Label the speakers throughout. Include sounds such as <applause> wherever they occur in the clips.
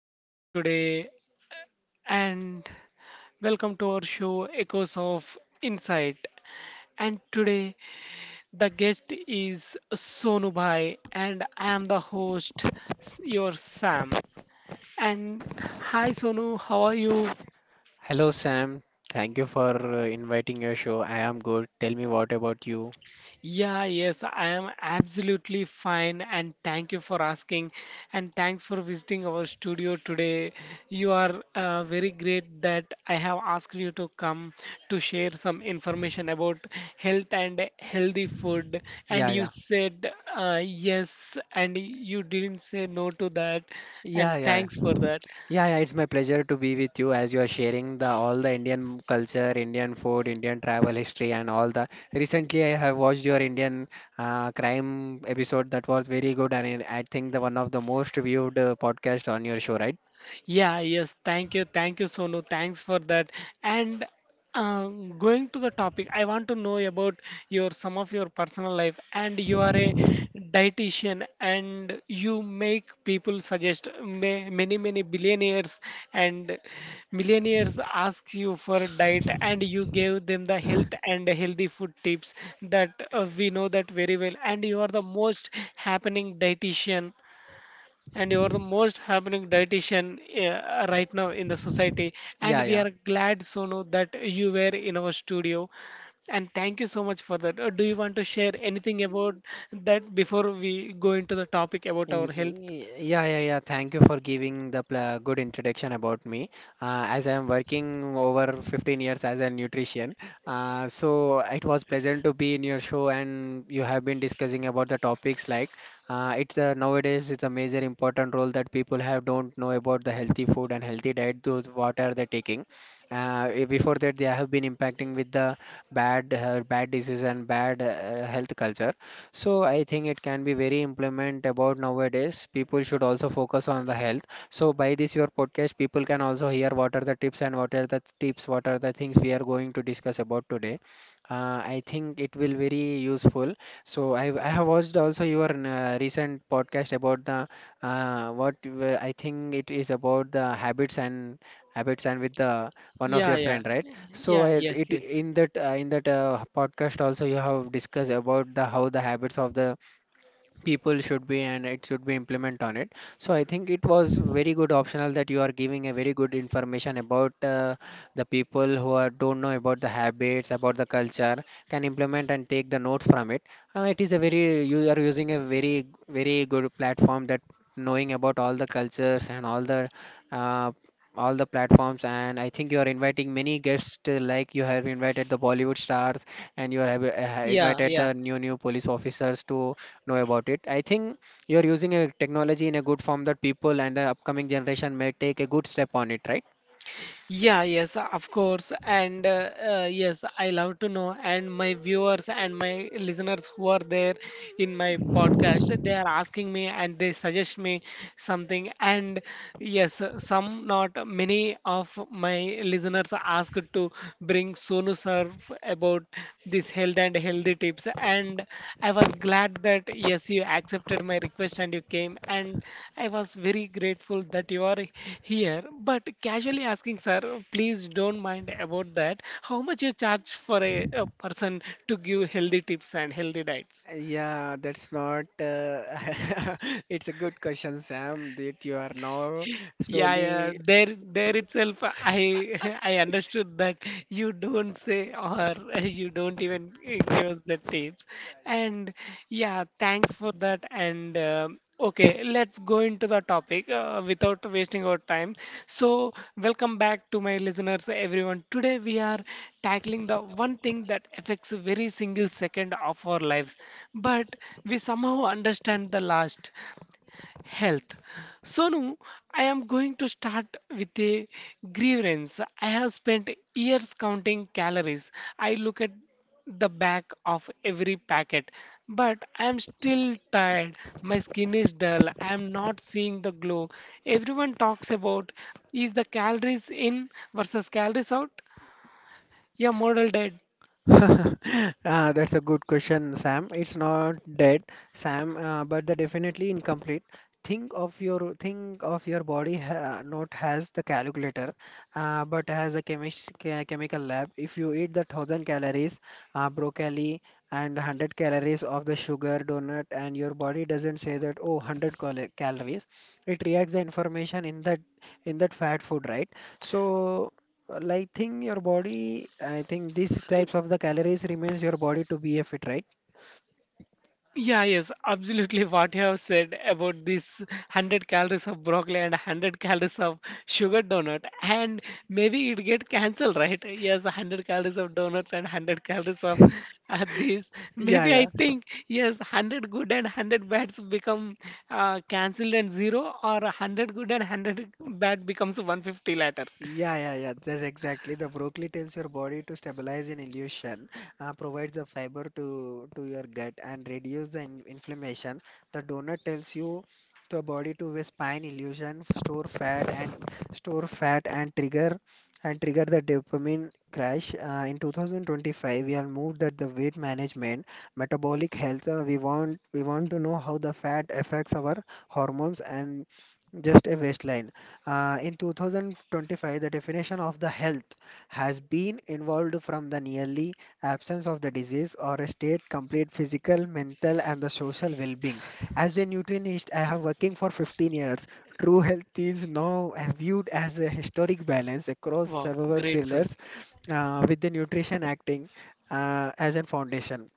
Speaker 1: podcast today and welcome to our show Echoes of Insight. And today, the guest is Sonu Bhai, and I am the host, your Sam. And hi, Sonu, how are you?
Speaker 2: Hello, Sam. Thank you for inviting your show. I am good. Tell me what about you?
Speaker 1: Yeah, yes, I am absolutely fine and thank you for asking, and thanks for visiting our studio today. You are very great that I have asked you to come to share some information about health and healthy food, and
Speaker 2: Yeah,
Speaker 1: you
Speaker 2: yeah.
Speaker 1: said yes and you didn't say no to that, and
Speaker 2: Yeah, yeah.
Speaker 1: thanks for that.
Speaker 2: Yeah, yeah. It's my pleasure to be with you as you are sharing the all the Indian culture, Indian food, Indian travel history and all the. Recently, I have watched your Indian crime episode that was very good and I think the one of the most viewed podcast on your show, right?
Speaker 1: Yeah, yes, thank you, Sonu. Thanks for that. And going to the topic, I want to know about your some of your personal life. And you are a dietitian, and you make people suggest, ma many billionaires and millionaires ask you for a diet, and you gave them the health and healthy food tips that we know that very well. And you are the most happening dietitian and you are the most happening dietitian right now in the society. And
Speaker 2: Yeah,
Speaker 1: we
Speaker 2: yeah.
Speaker 1: are glad, Sonu, that you were in our studio. And thank you so much for that. Do you want to share anything about that before we go into the topic about
Speaker 2: Y-
Speaker 1: our health?
Speaker 2: y- Yeah, yeah, yeah. Thank you for giving the pla good introduction about me. As I am working over 15 years as a nutrition, so it was pleasant to be in your show, and you have been discussing about the topics like it's a, nowadays it's a major important role that people have don't know about the healthy food and healthy diet. Those what are they taking? Before that, they have been impacting with the bad bad disease and bad health culture. So I think it can be very implement about nowadays. People should also focus on the health. So by this your podcast, people can also hear what are the tips and what are the tips, what are the things we are going to discuss about today. I think it will very useful. So I have watched also your recent podcast about the I think it is about the habits and with the one of
Speaker 1: Yeah,
Speaker 2: your
Speaker 1: yeah,
Speaker 2: friend, right? So
Speaker 1: yeah,
Speaker 2: I,
Speaker 1: yes,
Speaker 2: it
Speaker 1: yes,
Speaker 2: in that podcast also you have discussed about the how the habits of the people should be and it should be implement on it. So I think it was very good optional that you are giving a very good information about the people who are don't know about the habits about the culture can implement and take the notes from it. It is a very, you are using a very good platform that knowing about all the cultures and all the uh, all the platforms. And I think you are inviting many guests like you have invited the Bollywood stars, and you are have,
Speaker 1: yeah,
Speaker 2: invited
Speaker 1: yeah.
Speaker 2: the new police officers to know about it. I think you're using a technology in a good form that people and the upcoming generation may take a good step on it, right?
Speaker 1: Yeah, yes, of course. And yes, I love to know. And my viewers and my listeners who are there in my podcast, they are asking me and they suggest me something. And yes, some, not many of my listeners asked to bring Sonu Sir about this health and healthy tips. And I was glad that yes, you accepted my request and you came. And I was very grateful that you are here. But casually asking, sir, please don't mind about that. How much you charge for a person to give healthy tips and healthy diets?
Speaker 2: Yeah, that's not. <laughs> It's a good question, Sam, that you are now
Speaker 1: Yeah, yeah.
Speaker 2: slowly.
Speaker 1: There itself, <laughs> I understood that you don't say, or <laughs> you don't even give us the tips. And yeah, thanks for that. And okay, let's go into the topic without wasting our time. So, welcome back to my listeners, everyone. Today we are tackling the one thing that affects every single second of our lives, but we somehow understand the last. Health. Sonu, I am going to start with a grievance. I have spent years counting calories. I look at the back of every packet, but I am still tired. My skin is dull. I am not seeing the glow. Everyone talks about, is the calories in versus calories out? Yeah, model dead.
Speaker 2: <laughs> That's a good question, Sam. It's not dead, Sam, but the definitely incomplete. Think of your body ha not as the calculator, but as a chemist chemical lab. If you eat the 1,000 calories broccoli and the 100 calories of the sugar donut, and your body doesn't say that oh 100 calories, it reacts the information in that fat food, right? So well, I think your body, I think these types of the calories remains your body to be a fit, right?
Speaker 1: Yeah, yes, absolutely. <laughs> What you have said about this, 100 calories of broccoli and 100 calories of sugar donut, and maybe it get cancelled, right? Yes, 100 calories of donuts and 100 calories of this.
Speaker 2: Yeah,
Speaker 1: Maybe I
Speaker 2: yeah.
Speaker 1: think yes, 100 good and 100 bads become cancelled and zero, or 100 good and 100 bad becomes 150 later.
Speaker 2: Yeah, yeah, yeah. That's exactly. The broccoli tells your body to stabilize an illusion, provides the fiber to your gut and reduce the in inflammation. The donut tells you the body to waste pine illusion, store fat and trigger and trigger the dopamine crash. In 2025, we have moved that the weight management, metabolic health. We want to know how the fat affects our hormones and just a waistline. In 2025, the definition of the health has been evolved from the nearly absence of the disease or a state complete physical, mental, and the social well-being. As a nutritionist, I have working for 15 years. True health is now viewed as a historic balance across
Speaker 1: Wow,
Speaker 2: several
Speaker 1: great, sir.
Speaker 2: pillars, with the nutrition acting as a foundation.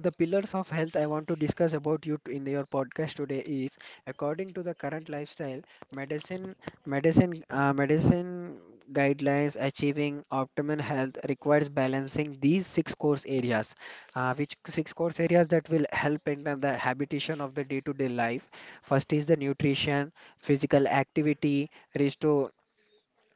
Speaker 2: The pillars of health I want to discuss about you in your podcast today is according to the current lifestyle, medicine, medicine guidelines achieving optimal health requires balancing these six course areas, which six course areas that will help in the habitation of the day-to-day life. First is the nutrition, physical activity, restore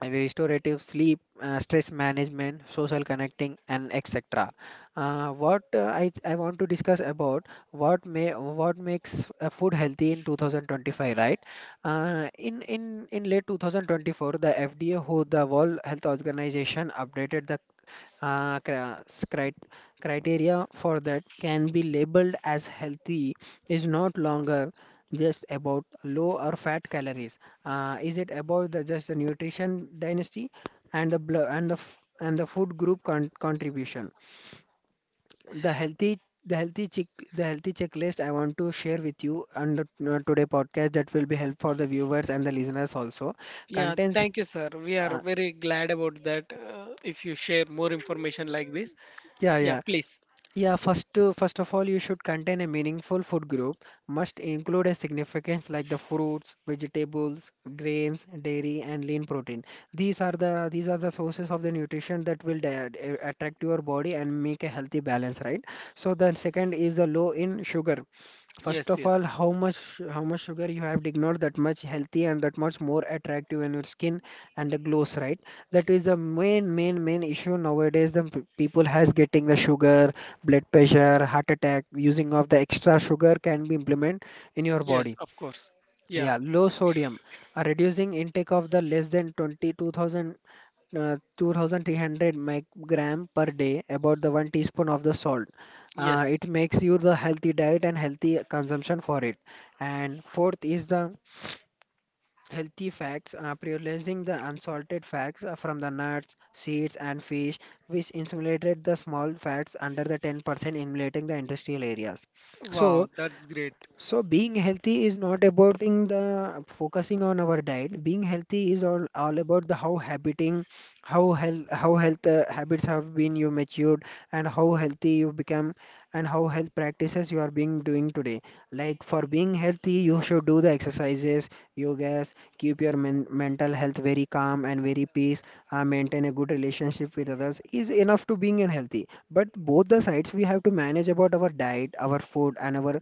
Speaker 2: and restorative sleep, stress management, social connecting, and etc. I want to discuss about what may what makes a food healthy in 2025, right? In late 2024, the FDA, who the World Health Organization, updated the uh, cri- scri- criteria for that can be labeled as healthy is not longer just about low or fat calories. Is it about the just the nutrition dynasty and the blo- and the f- and the food group contribution? The healthy the healthy check the healthy checklist I want to share with you on the, today podcast that will be help for the viewers and the listeners also
Speaker 1: Yeah,
Speaker 2: contains.
Speaker 1: thank you, sir. We are
Speaker 2: Uh,
Speaker 1: very glad about that. If you share more information like this,
Speaker 2: yeah,
Speaker 1: yeah,
Speaker 2: yeah.
Speaker 1: please.
Speaker 2: Yeah, first of all, you should contain a meaningful food group, must include a significance like the fruits, vegetables, grains, dairy, and lean protein. These are the sources of the nutrition that will attract your body and make a healthy balance, right? So the second is the low in sugar. First
Speaker 1: Yes,
Speaker 2: of all,
Speaker 1: yes.
Speaker 2: how much sugar you have to ignore that much healthy and that much more attractive in your skin and the glows, right? That is the main issue nowadays. The people has getting the sugar, blood pressure, heart attack. Using of the extra sugar can be implement in your
Speaker 1: Yes,
Speaker 2: body.
Speaker 1: of course. Yeah,
Speaker 2: Yeah, low sodium, reducing intake of the less than 22,000 2300 microgram per day, about the one teaspoon of the salt.
Speaker 1: yes.
Speaker 2: It makes you the healthy diet and healthy consumption for it. And fourth is the healthy facts, prioritizing the unsalted facts from the nuts, seeds, and fish, which insinuated the small fats under the 10%, emulating the industrial areas.
Speaker 1: Wow,
Speaker 2: So,
Speaker 1: that's great.
Speaker 2: so, being healthy is not about in the focusing on our diet. Being healthy is all about the how habiting, how health habits have been you matured and how healthy you become and how health practices you are being doing today. Like for being healthy, you should do the exercises, yogas, keep your mental health very calm and very peace, maintain a good relationship with others is enough to being unhealthy. But both the sides we have to manage about our diet, our food and our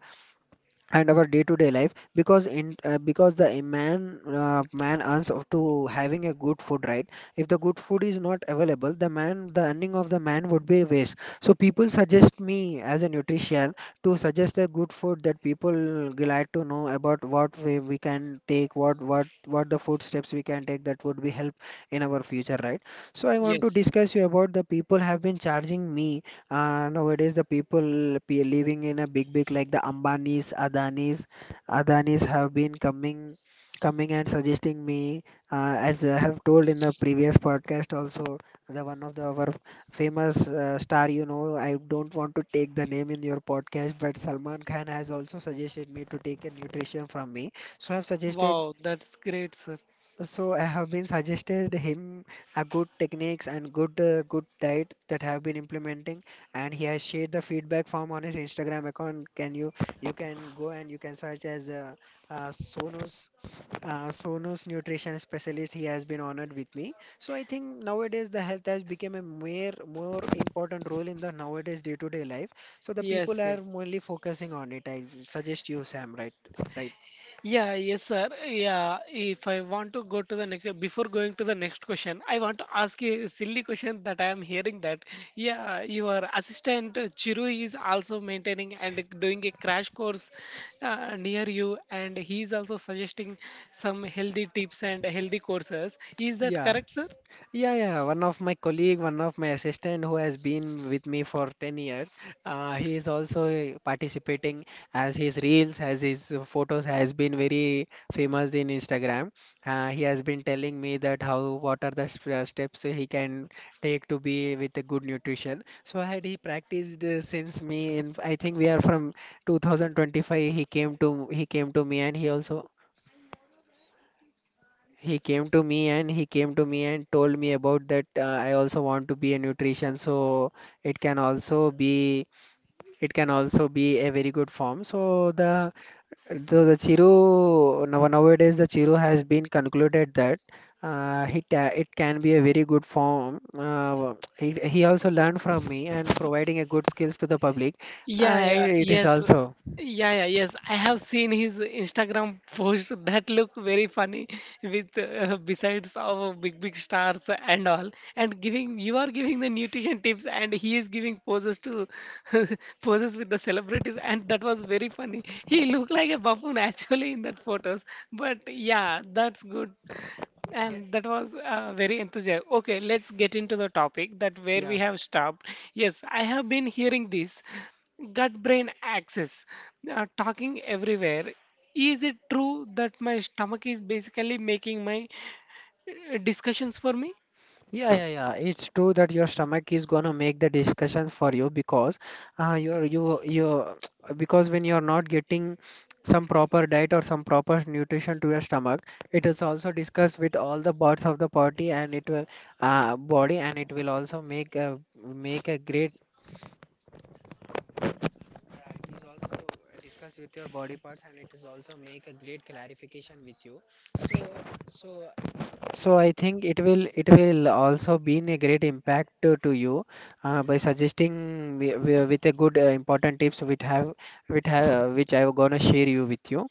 Speaker 2: and our day-to-day life because in because the a man earns up to having a good food, right? If the good food is not available, the man the earning of the man would be waste. So people suggest me as a nutrition to suggest a good food that people glad to know about what way we can take what the food steps we can take that would be help in our future, right? So I want to
Speaker 1: Yes,
Speaker 2: discuss you about the people have been charging me. Nowadays, the people living in a big, big like the Ambanis, Adanis have been coming and suggesting me, as I have told in the previous podcast also, the one of the our famous star, you know, I don't want to take the name in your podcast, but Salman Khan has also suggested me to take a nutrition from me. So I've suggested
Speaker 1: wow, that's great, sir.
Speaker 2: so I have been suggested him a good techniques and good good diet that have been implementing, and he has shared the feedback form on his Instagram account. Can you, you can go and you can search as uh, Sonos Sonos nutrition specialist. He has been honored with me. So I think nowadays the health has become a more important role in the nowadays day to day life. So the people
Speaker 1: Yes,
Speaker 2: are
Speaker 1: yes.
Speaker 2: mainly focusing on it. I suggest you, Sam. Right, right.
Speaker 1: Yeah, yes, sir. Yeah, if I want to go to the next, before going to the next question, I want to ask you a silly question that I am hearing that. Yeah, your assistant Chiru is also maintaining and doing a crash course near you, and he is also suggesting some healthy tips and healthy courses. Is that
Speaker 2: Yeah,
Speaker 1: correct, sir?
Speaker 2: yeah, yeah. One of my colleague, one of my assistant who has been with me for 10 years, he is also participating as his reels, as his photos has been very famous in Instagram. He has been telling me that how what are the steps he can take to be with a good nutrition. So had he practiced since me in I think we are from 2025 he came to me and he came to me and told me about that I also want to be a nutrition. So it can also be it can also be a very good form. So the so the chiru now nowadays the Chiru has been concluded that it can be a very good form. He also learned from me and providing a good skills to the public.
Speaker 1: Yeah,
Speaker 2: It
Speaker 1: yeah,
Speaker 2: it is
Speaker 1: yes.
Speaker 2: also
Speaker 1: Yeah, yeah, yes. I have seen his Instagram post <laughs> that look very funny with besides of big big stars and all, and giving you are giving the nutrition tips, and he is giving poses to <laughs> poses with the celebrities, and that was very funny. He looked like a buffoon <laughs> actually in that photos. But yeah, that's good, and that was very enthusiastic. Okay, let's get into the topic that where
Speaker 2: Yeah,
Speaker 1: we have stopped. Yes, I have been hearing this gut brain axis talking everywhere. Is it true that my stomach is basically making my discussions for me?
Speaker 2: yeah, yeah. It's true that your stomach is gonna make the discussion for you, because you're you you <tsk> because when you're not getting some proper diet or some proper nutrition to your stomach, it is also discussed with all the parts of the body, and it will uh, body and it will also make a, make a great... Yeah, it is also discussed with your body parts, and it is also make a great clarification with you. So so so I think it will also be a great impact to you by suggesting with a good important tips which I am gonna share you with you.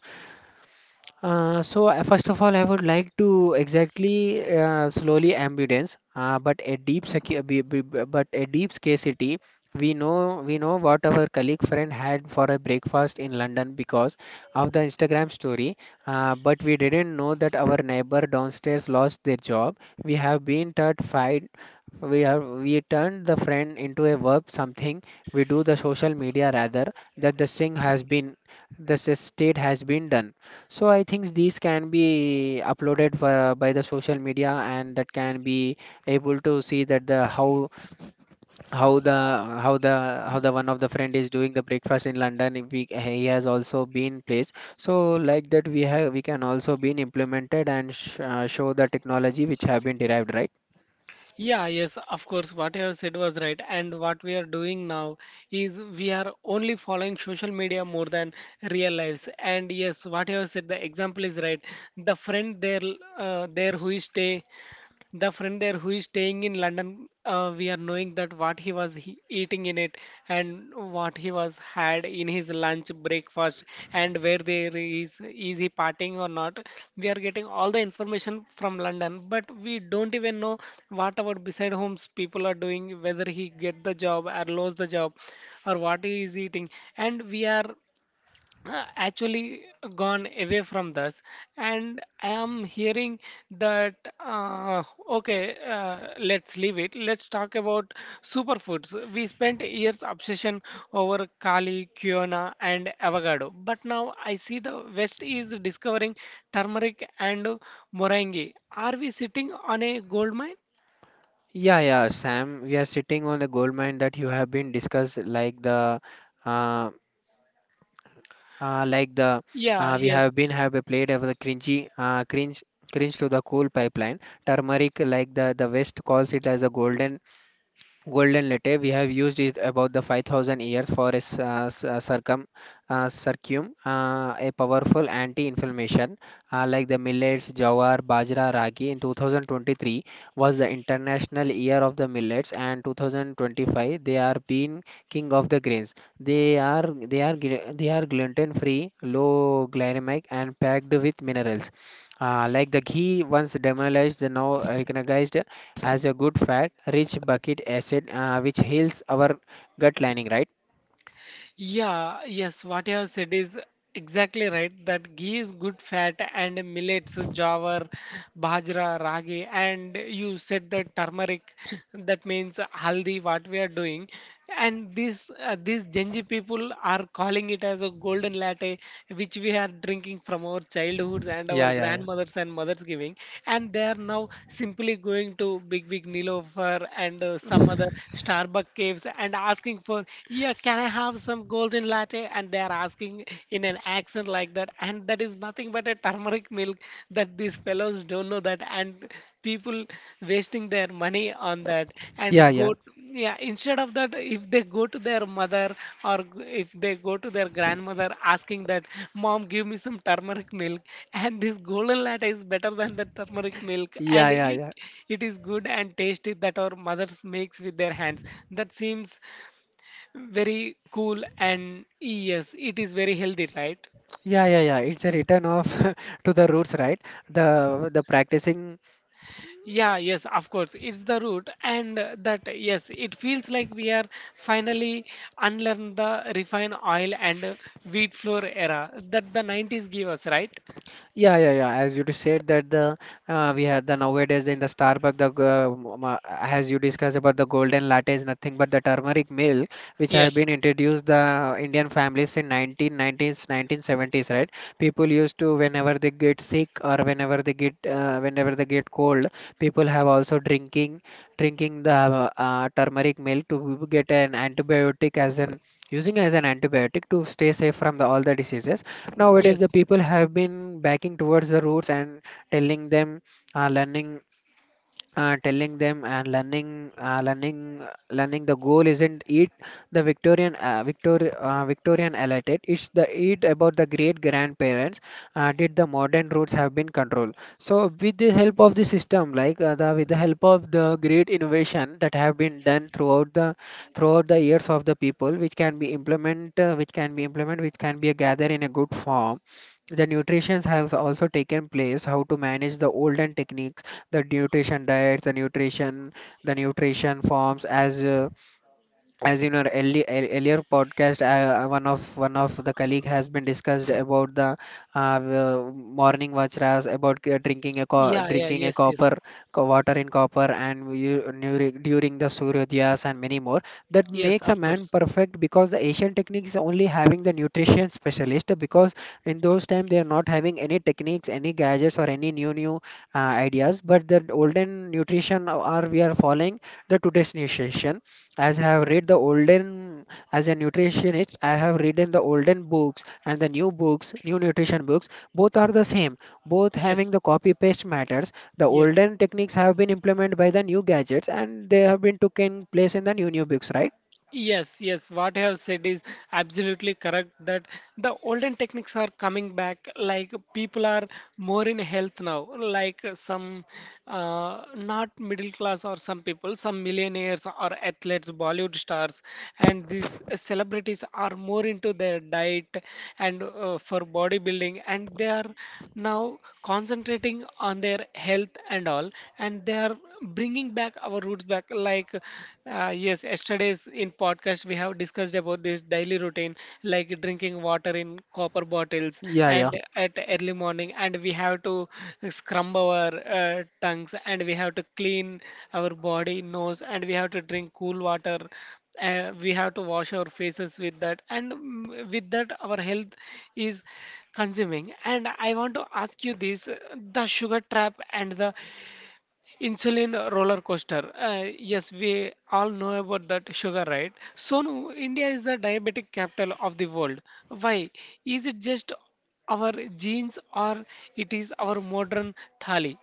Speaker 2: First of all, I would like to exactly slowly ambulance, but a deep but a deep scarcity. We know what our colleague friend had for a breakfast in London because of the Instagram story, but we didn't know that our neighbor downstairs lost their job. We have been taught fight. We turned the friend into a verb something. We do the social media rather that the thing has been state has been done. So I think these can be uploaded for by the social media, and that can be able to see that the how the how the how the one of the friend is doing the breakfast in London. If he has also been placed, so like that we can also been implemented and sh show the technology which have been derived, right?
Speaker 1: Yeah, yes, of course. What you have said was right. And what we are doing now is we are only following social media more than real lives. And yes, what you have said, the example is right. The friend there, there who is stay the friend there who is staying in London, we are knowing that what he was he eating in it, and what he was had in his lunch, breakfast, and where there is he partying or not. We are getting all the information from London, but we don't even know what about beside homes people are doing, whether he get the job or lose the job, or what he is eating, and we are actually gone away from this. And I am hearing that. Okay, let's leave it. Let's talk about superfoods. We spent years obsession over kali quinoa and avocado, but now I see the west is discovering turmeric and moringa. Are we sitting on a gold mine?
Speaker 2: Yeah, yeah, Sam, we are sitting on a gold mine. That you have been discussed like the uh, uh, like the
Speaker 1: Yeah,
Speaker 2: we have
Speaker 1: yes.
Speaker 2: been have played of the cringy cringe cringe to the cool pipeline. Turmeric, like the west calls it as a golden... Golden letter, we have used it about the 5000 years for a circum, a powerful anti-inflammation. Like the millets, jawar, bajra, ragi. In 2023 was the International Year of the Millets, and 2025 they are being king of the grains. They are gluten-free, low glycemic, and packed with minerals. Like the ghee, once demonized, now recognized as a good fat, rich bucket acid, which heals our gut lining, right?
Speaker 1: Yeah, yes, what you have said is exactly right, that ghee is good fat and millets, jawar, bajra, ragi, and you said the turmeric, that means haldi, what we are doing. And these Genji people are calling it as a golden latte, which we are drinking from our childhoods, and our
Speaker 2: Yeah, yeah, yeah.
Speaker 1: grandmothers and mothers giving. And they are now simply going to Big Big Nilofer and some other Starbucks caves and asking for, yeah, can I have some golden latte? And they are asking in an accent like that. And that is nothing but a turmeric milk that these fellows don't know that. And people wasting their money on that.
Speaker 2: Yeah,
Speaker 1: And
Speaker 2: yeah.
Speaker 1: go, yeah, instead of that, if they go to their mother or if they go to their grandmother asking that, Mom, give me some turmeric milk. And this golden latte is better than the turmeric milk.
Speaker 2: Yeah,
Speaker 1: And
Speaker 2: yeah,
Speaker 1: it,
Speaker 2: yeah.
Speaker 1: it is good and tasty that our mothers makes with their hands. That seems very cool, and yes, it is very healthy, right?
Speaker 2: Yeah, yeah, yeah. It's a return of <laughs> to the roots, right? The practicing...
Speaker 1: Yeah, yes, of course, it's the root, and that yes, it feels like we are finally unlearn the refined oil and wheat flour era that the 90s gave us, right?
Speaker 2: Yeah, yeah, yeah. As you said that the we have the nowadays in the Starbucks the as you discussed about the golden latte is nothing but the turmeric milk which have
Speaker 1: Yes,
Speaker 2: been introduced the Indian families in 1990s, 1970s, right? People used to whenever they get sick or whenever they get cold, people have also drinking the turmeric milk to get an antibiotic as an... using as an antibiotic to stay safe from the all the diseases. Nowadays, the
Speaker 1: yes.
Speaker 2: people have been backing towards the roots and telling them, uh, learning, telling them and learning, learning. The goal isn't it the Victorian, Victorian elite. It's the... it about the great grandparents. Did the modern roots have been controlled? So with the help of the system, like the with the help of the great innovation that have been done throughout the years of the people, which can be implement, which can be a gather in a good form. The nutrition has also taken place, how to manage the olden techniques, the nutrition diets, the nutrition forms as in our early, earlier podcast one of the colleague has been discussed about the morning vajras about
Speaker 1: Yeah, yeah,
Speaker 2: drinking a
Speaker 1: yes,
Speaker 2: copper
Speaker 1: yes.
Speaker 2: water in copper, and you, during the suryodayas and many more that
Speaker 1: Yes,
Speaker 2: makes a
Speaker 1: of
Speaker 2: man
Speaker 1: course.
Speaker 2: perfect, because the asian technique is only having the nutrition specialist. Because in those time they are not having any techniques, any gadgets, or any new uh, ideas, but the olden nutrition are we are following the today's nutrition. As I have read the olden... As a nutritionist, I have read the olden books and the new books, new nutrition books. Both are the same. Both having
Speaker 1: Yes,
Speaker 2: the copy paste matters. The
Speaker 1: yes.
Speaker 2: olden techniques have been implemented by the new gadgets, and they have been taken place in the new books, right?
Speaker 1: Yes, yes, what you have said is absolutely correct, that the olden techniques are coming back. Like, people are more in health now, like some, not middle class, or some people, some millionaires or athletes, Bollywood stars, and these celebrities are more into their diet, and for bodybuilding, and they are now concentrating on their health and all, and they are bringing back our roots back. Like, yes, yesterday's in podcast we have discussed about this daily routine, like drinking water in copper bottles
Speaker 2: Yeah,
Speaker 1: and
Speaker 2: yeah.
Speaker 1: at early morning, and we have to scrub our tongues, and we have to clean our body nose, and we have to drink cool water, we have to wash our faces with that, and with that our health is consuming. And I want to ask you this, the sugar trap and the insulin roller coaster. Yes, we all know about that sugar, right? Sonu, India is the diabetic capital of the world. Why? Is it just our genes, or it is our modern thali?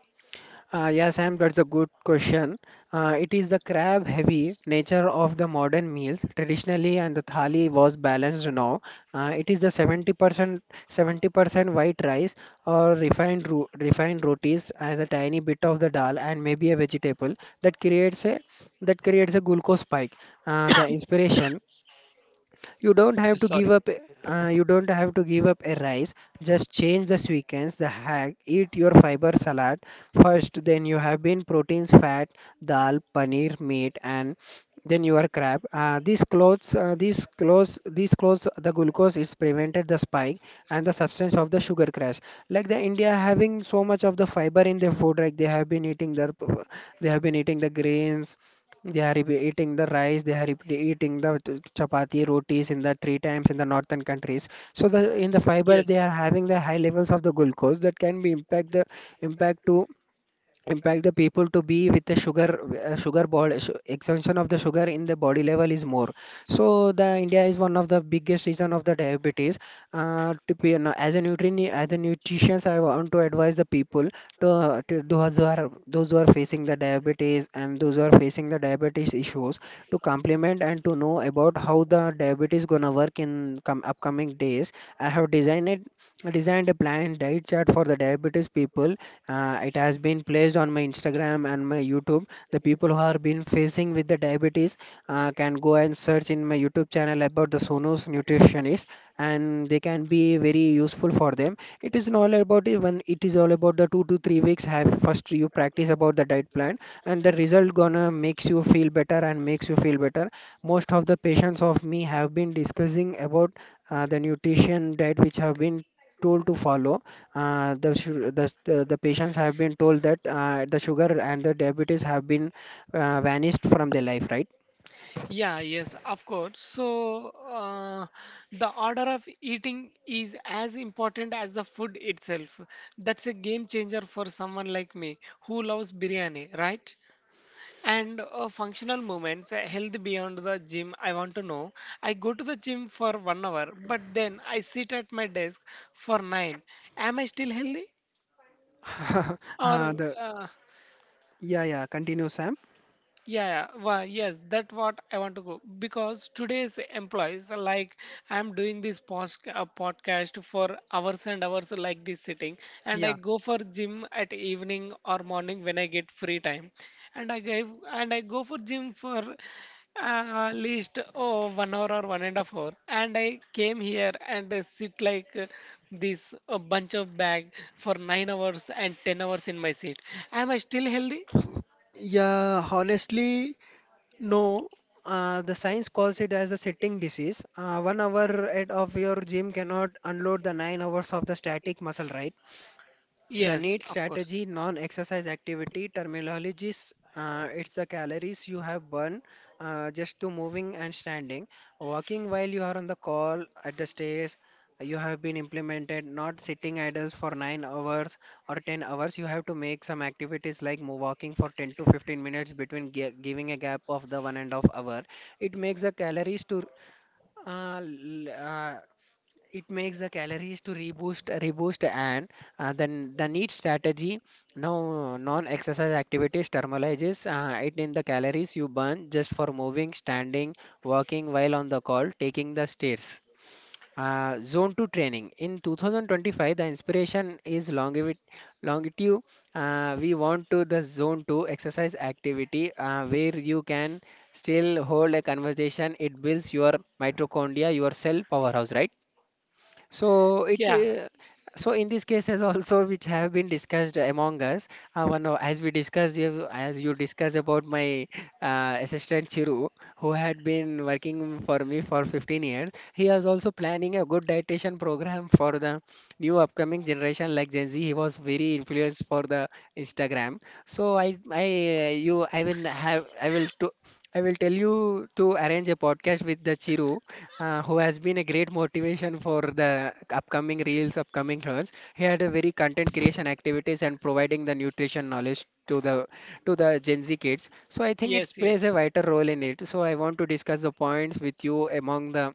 Speaker 2: Yes, Sam, that's a good question. It is the crab-heavy nature of the modern meals. Traditionally, and the thali was balanced now. It is the 70% white rice or refined rotis as a tiny bit of the dal and maybe a vegetable that creates a... that creates a glucose spike. The inspiration, you don't have to give
Speaker 1: Sorry.
Speaker 2: up a rice. Just change the sequence. The hack: eat your fiber salad first, then you have been proteins, fat, dal, paneer, meat, and then you are crab. These clothes, the glucose is prevented the spike and the substance of the sugar crash. Like the india having so much of the fiber in their food, like they have been eating their... they have been eating the grains. They are eating the rice, they are eating the chapati, rotis in the three times in the northern countries. So the in the fiber they
Speaker 1: Yes.
Speaker 2: are having the high levels of the glucose that can be impact the... impact to... impact the people to be with the sugar, sugar body extension of the sugar in the body level is more. So the india is one of the biggest reason of the diabetes. Uh, to be as a nutrient, as a nutritionist, I want to advise the people to, to those who are facing the diabetes, and those who are facing the diabetes issues, to complement and to know about how the diabetes gonna work in upcoming days. I have designed a planned diet chart for the diabetes people. Uh, it has been placed on my Instagram and my YouTube. The people who are been facing with the diabetes can go and search in my YouTube channel about the Sonos nutritionist, and they can be very useful for them. It is all about it when it is all about the 2 to 3 weeks. Have first you practice about the diet plan, and the result gonna makes you feel better and makes you feel better. Most of the patients of me have been discussing about the nutrition diet which have been told to follow, the, su- the patients have been told that the sugar and the diabetes have been vanished from their life, right?
Speaker 1: Yeah, yes, of course. So, the order of eating is as important as the food itself. That's a game changer for someone like me who loves biryani, right? And functional movements, health beyond the gym. I want to know. I go to the gym for 1 hour, but then I sit at my desk for nine. Am I still healthy?
Speaker 2: <laughs>
Speaker 1: Or
Speaker 2: The yeah, yeah, continue Sam.
Speaker 1: Yeah, yeah, well, yes, that's what I want to go, because today's employees, like, I'm doing this post podcast for hours and hours like this sitting, and I
Speaker 2: Yeah.
Speaker 1: go for gym at evening or morning when I get free time, and I give and I go for gym for at least 1 hour or 1.5 hour, and I came here and I sit like this a bunch of bag for 9 hours and 10 hours in my seat. Am I still healthy?
Speaker 2: Yeah, honestly, no. The science calls it as a sitting disease. 1 hour at of your gym cannot unload the 9 hours of the static muscle, right? The
Speaker 1: Yes,
Speaker 2: need
Speaker 1: of course.
Speaker 2: strategy, non-exercise activity, terminologies, it's the calories you have burned just to moving and standing. Walking while you are on the call at the stairs, you have been implemented, not sitting idle for 9 hours or 10 hours. You have to make some activities like walking for 10 to 15 minutes between giving a gap of the one and a half hour. It makes the calories to uh, l- uh, reboost and then the need strategy, now non-exercise activities thermalizes it in the calories you burn just for moving, standing, walking while on the call, taking the stairs. Uh, zone 2 training in 2025, the inspiration is longevity, longitude. We want to the zone 2 exercise activity where you can still hold a conversation. It builds your mitochondria, your cell powerhouse, right? so it
Speaker 1: Yeah,
Speaker 2: uh, so in this case, as <laughs> also which have been discussed among us. One of- as we discussed you have- As you discussed about my assistant Chiru, who had been working for me for 15 years. He was also planning a good dietitian program for the new upcoming generation, like Gen Z. He was very influenced for the Instagram. So I you I will have I will to I will tell you to arrange a podcast with the Chiru, who has been a great motivation for the upcoming reels, upcoming runs. He had a very content creation activities and providing the nutrition knowledge to the Gen Z kids. So I think it
Speaker 1: yes,
Speaker 2: plays
Speaker 1: yes.
Speaker 2: a vital role in it. So I want to discuss the points with you among the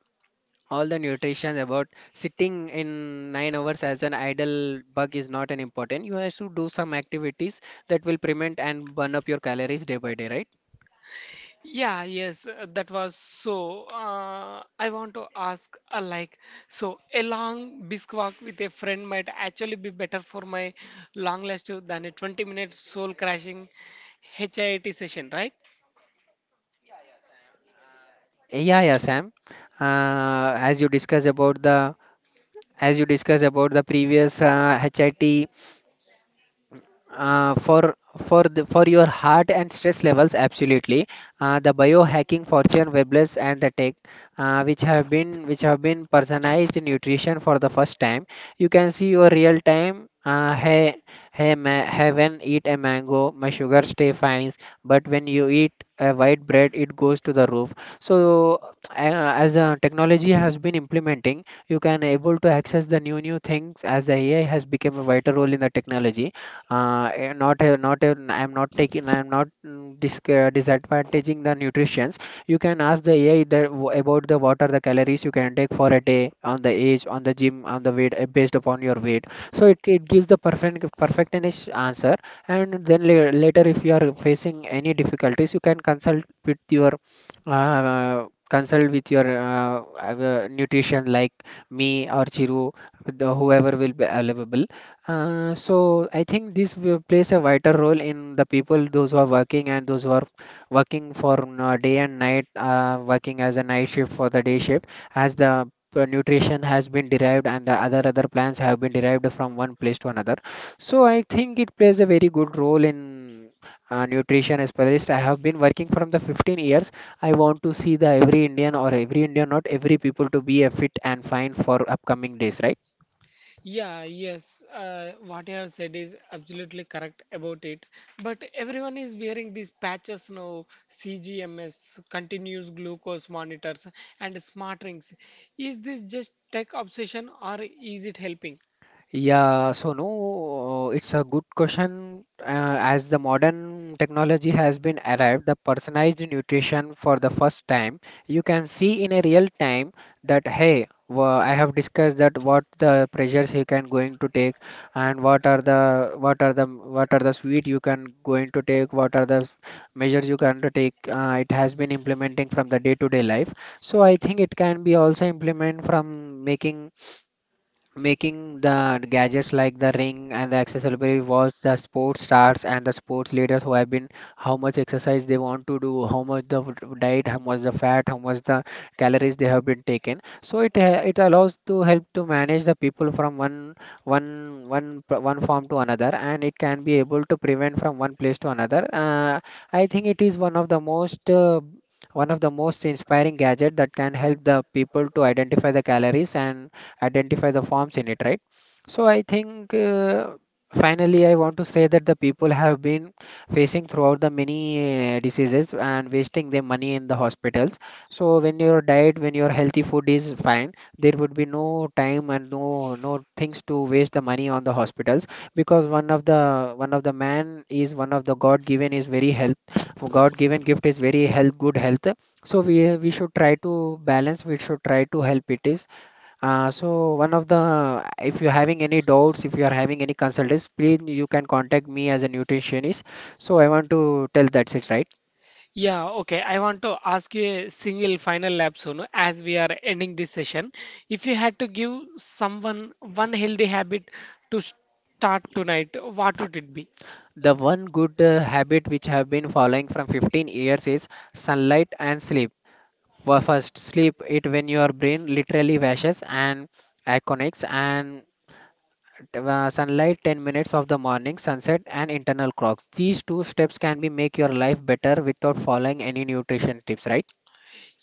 Speaker 2: all the nutrition about sitting in nine hours as an idle bug is not an important. You have to do some activities that will prevent and burn up your calories day by day, right?
Speaker 1: Yeah, yes, that was so. I want to ask, like, so a long brisk walk with a friend might actually be better for my long lasting than a 20-minute soul crashing HIIT session, right?
Speaker 2: Yeah, yeah, Sam. Uh, as you discussed about the as you discussed about the previous HIT for your heart and stress levels absolutely, the biohacking fortune webless and the tech, which have been personalized nutrition for the first time. You can see your real time, heaven eat a mango my sugar stay fine, but when you eat a white bread it goes to the roof. So as technology has been implementing, you can able to access the new things as the AI has become a vital role in the technology. Eh, not a- not a- I'm not taking, I'm not disadvantaging the nutritions. You can ask the AI about the what are the calories you can take for a day on the age on the gym on the weight, based upon your weight. So it gives the perfect perfectionish answer. And then later, if you are facing any difficulties you can consult with your, consult with your, nutrition like me or Chiru, the whoever will be available. So I think this will plays a vital role in the people, those who are working and those who are working for, day and night, working as a night shift for the day shift, as the nutrition has been derived and the other plants have been derived from one place to another. So I think it plays a very good role in nutrition as per this. I have been working from the 15 years. I want to see the every Indian or every Indian, not every people, to be a fit and fine for upcoming days, right?
Speaker 1: Yeah, yes, what you have said is absolutely correct about it. But everyone is wearing these patches now, CGMS, continuous glucose monitors, and smart rings. Is this just tech obsession, or is it helping?
Speaker 2: Yeah, so no, it's a good question. As the modern technology has been arrived, the personalized nutrition for the first time, you can see in a real time that hey, I have discussed that what the pressures you can going to take, and what are the what are the what are the sweet you can going to take, what are the measures you can to take. It has been implementing from the day-to-day life. So I think it can be also implement from making the gadgets like the ring and the accessory watch, the sports stars and the sports leaders who have been how much exercise they want to do, how much the diet, how much the fat, how much the calories they have been taken. So it allows to help to manage the people from one form to another, and it can be able to prevent from one place to another. I think it is one of the most inspiring gadget that can help the people to identify the calories and identify the forms in it, right? So I think, finally I want to say that the people have been facing throughout the many diseases and wasting their money in the hospitals. So when your diet, when your healthy food is fine, there would be no time and no things to waste the money on the hospitals, because one of the god given is very health, god given gift is very health, good health. So we should try to balance, we should try to help it is. So one of the, if you're having any doubts, if you are having any consultants, please you can contact me as a nutritionist. So I want to tell that's it, right?
Speaker 1: Yeah, okay. I want to ask you a single final lap soon, as we are ending this session. If you had to give someone one healthy habit to start tonight, what would it be?
Speaker 2: The one good habit which I have been following from 15 years is sunlight and sleep. Well, first, sleep it, when your brain literally washes and connects. And sunlight 10 minutes of the morning, sunset and internal clocks. These two steps can be make your life better without following any nutrition tips, right?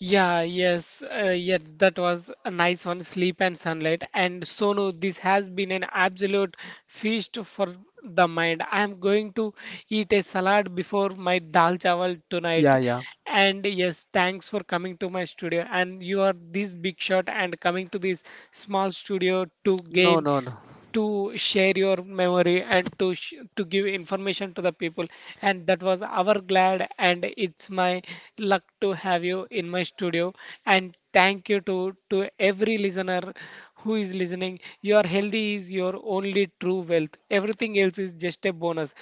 Speaker 1: Yeah, yes, yeah, that was a nice one, Sleep and Sunlight. And Sonu, this has been an absolute feast for the mind. I am going to eat a salad before my dal chawal
Speaker 2: Yeah,
Speaker 1: tonight.
Speaker 2: yeah.
Speaker 1: And yes, thanks for coming to my studio. And you are this big shot and coming to this small studio
Speaker 2: No, no, no.
Speaker 1: to share your memory and to give information to the people. And that was our glad, and it's my luck to have you in my studio. And thank you to every listener who is listening. Your healthy is your only true wealth. Everything else is just a bonus.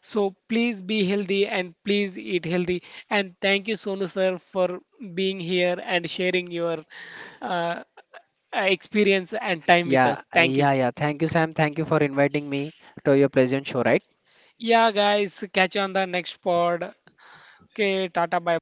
Speaker 1: So please be healthy and please eat healthy. And thank you, Sonu sir, for being here and sharing your uh, experience and time with
Speaker 2: Yeah,
Speaker 1: us. Thank you.
Speaker 2: yeah, yeah. Thank you, Sam. Thank you for inviting me to your pleasant show, right?
Speaker 1: Yeah, guys, catch you on the next pod. Okay, Tata, bye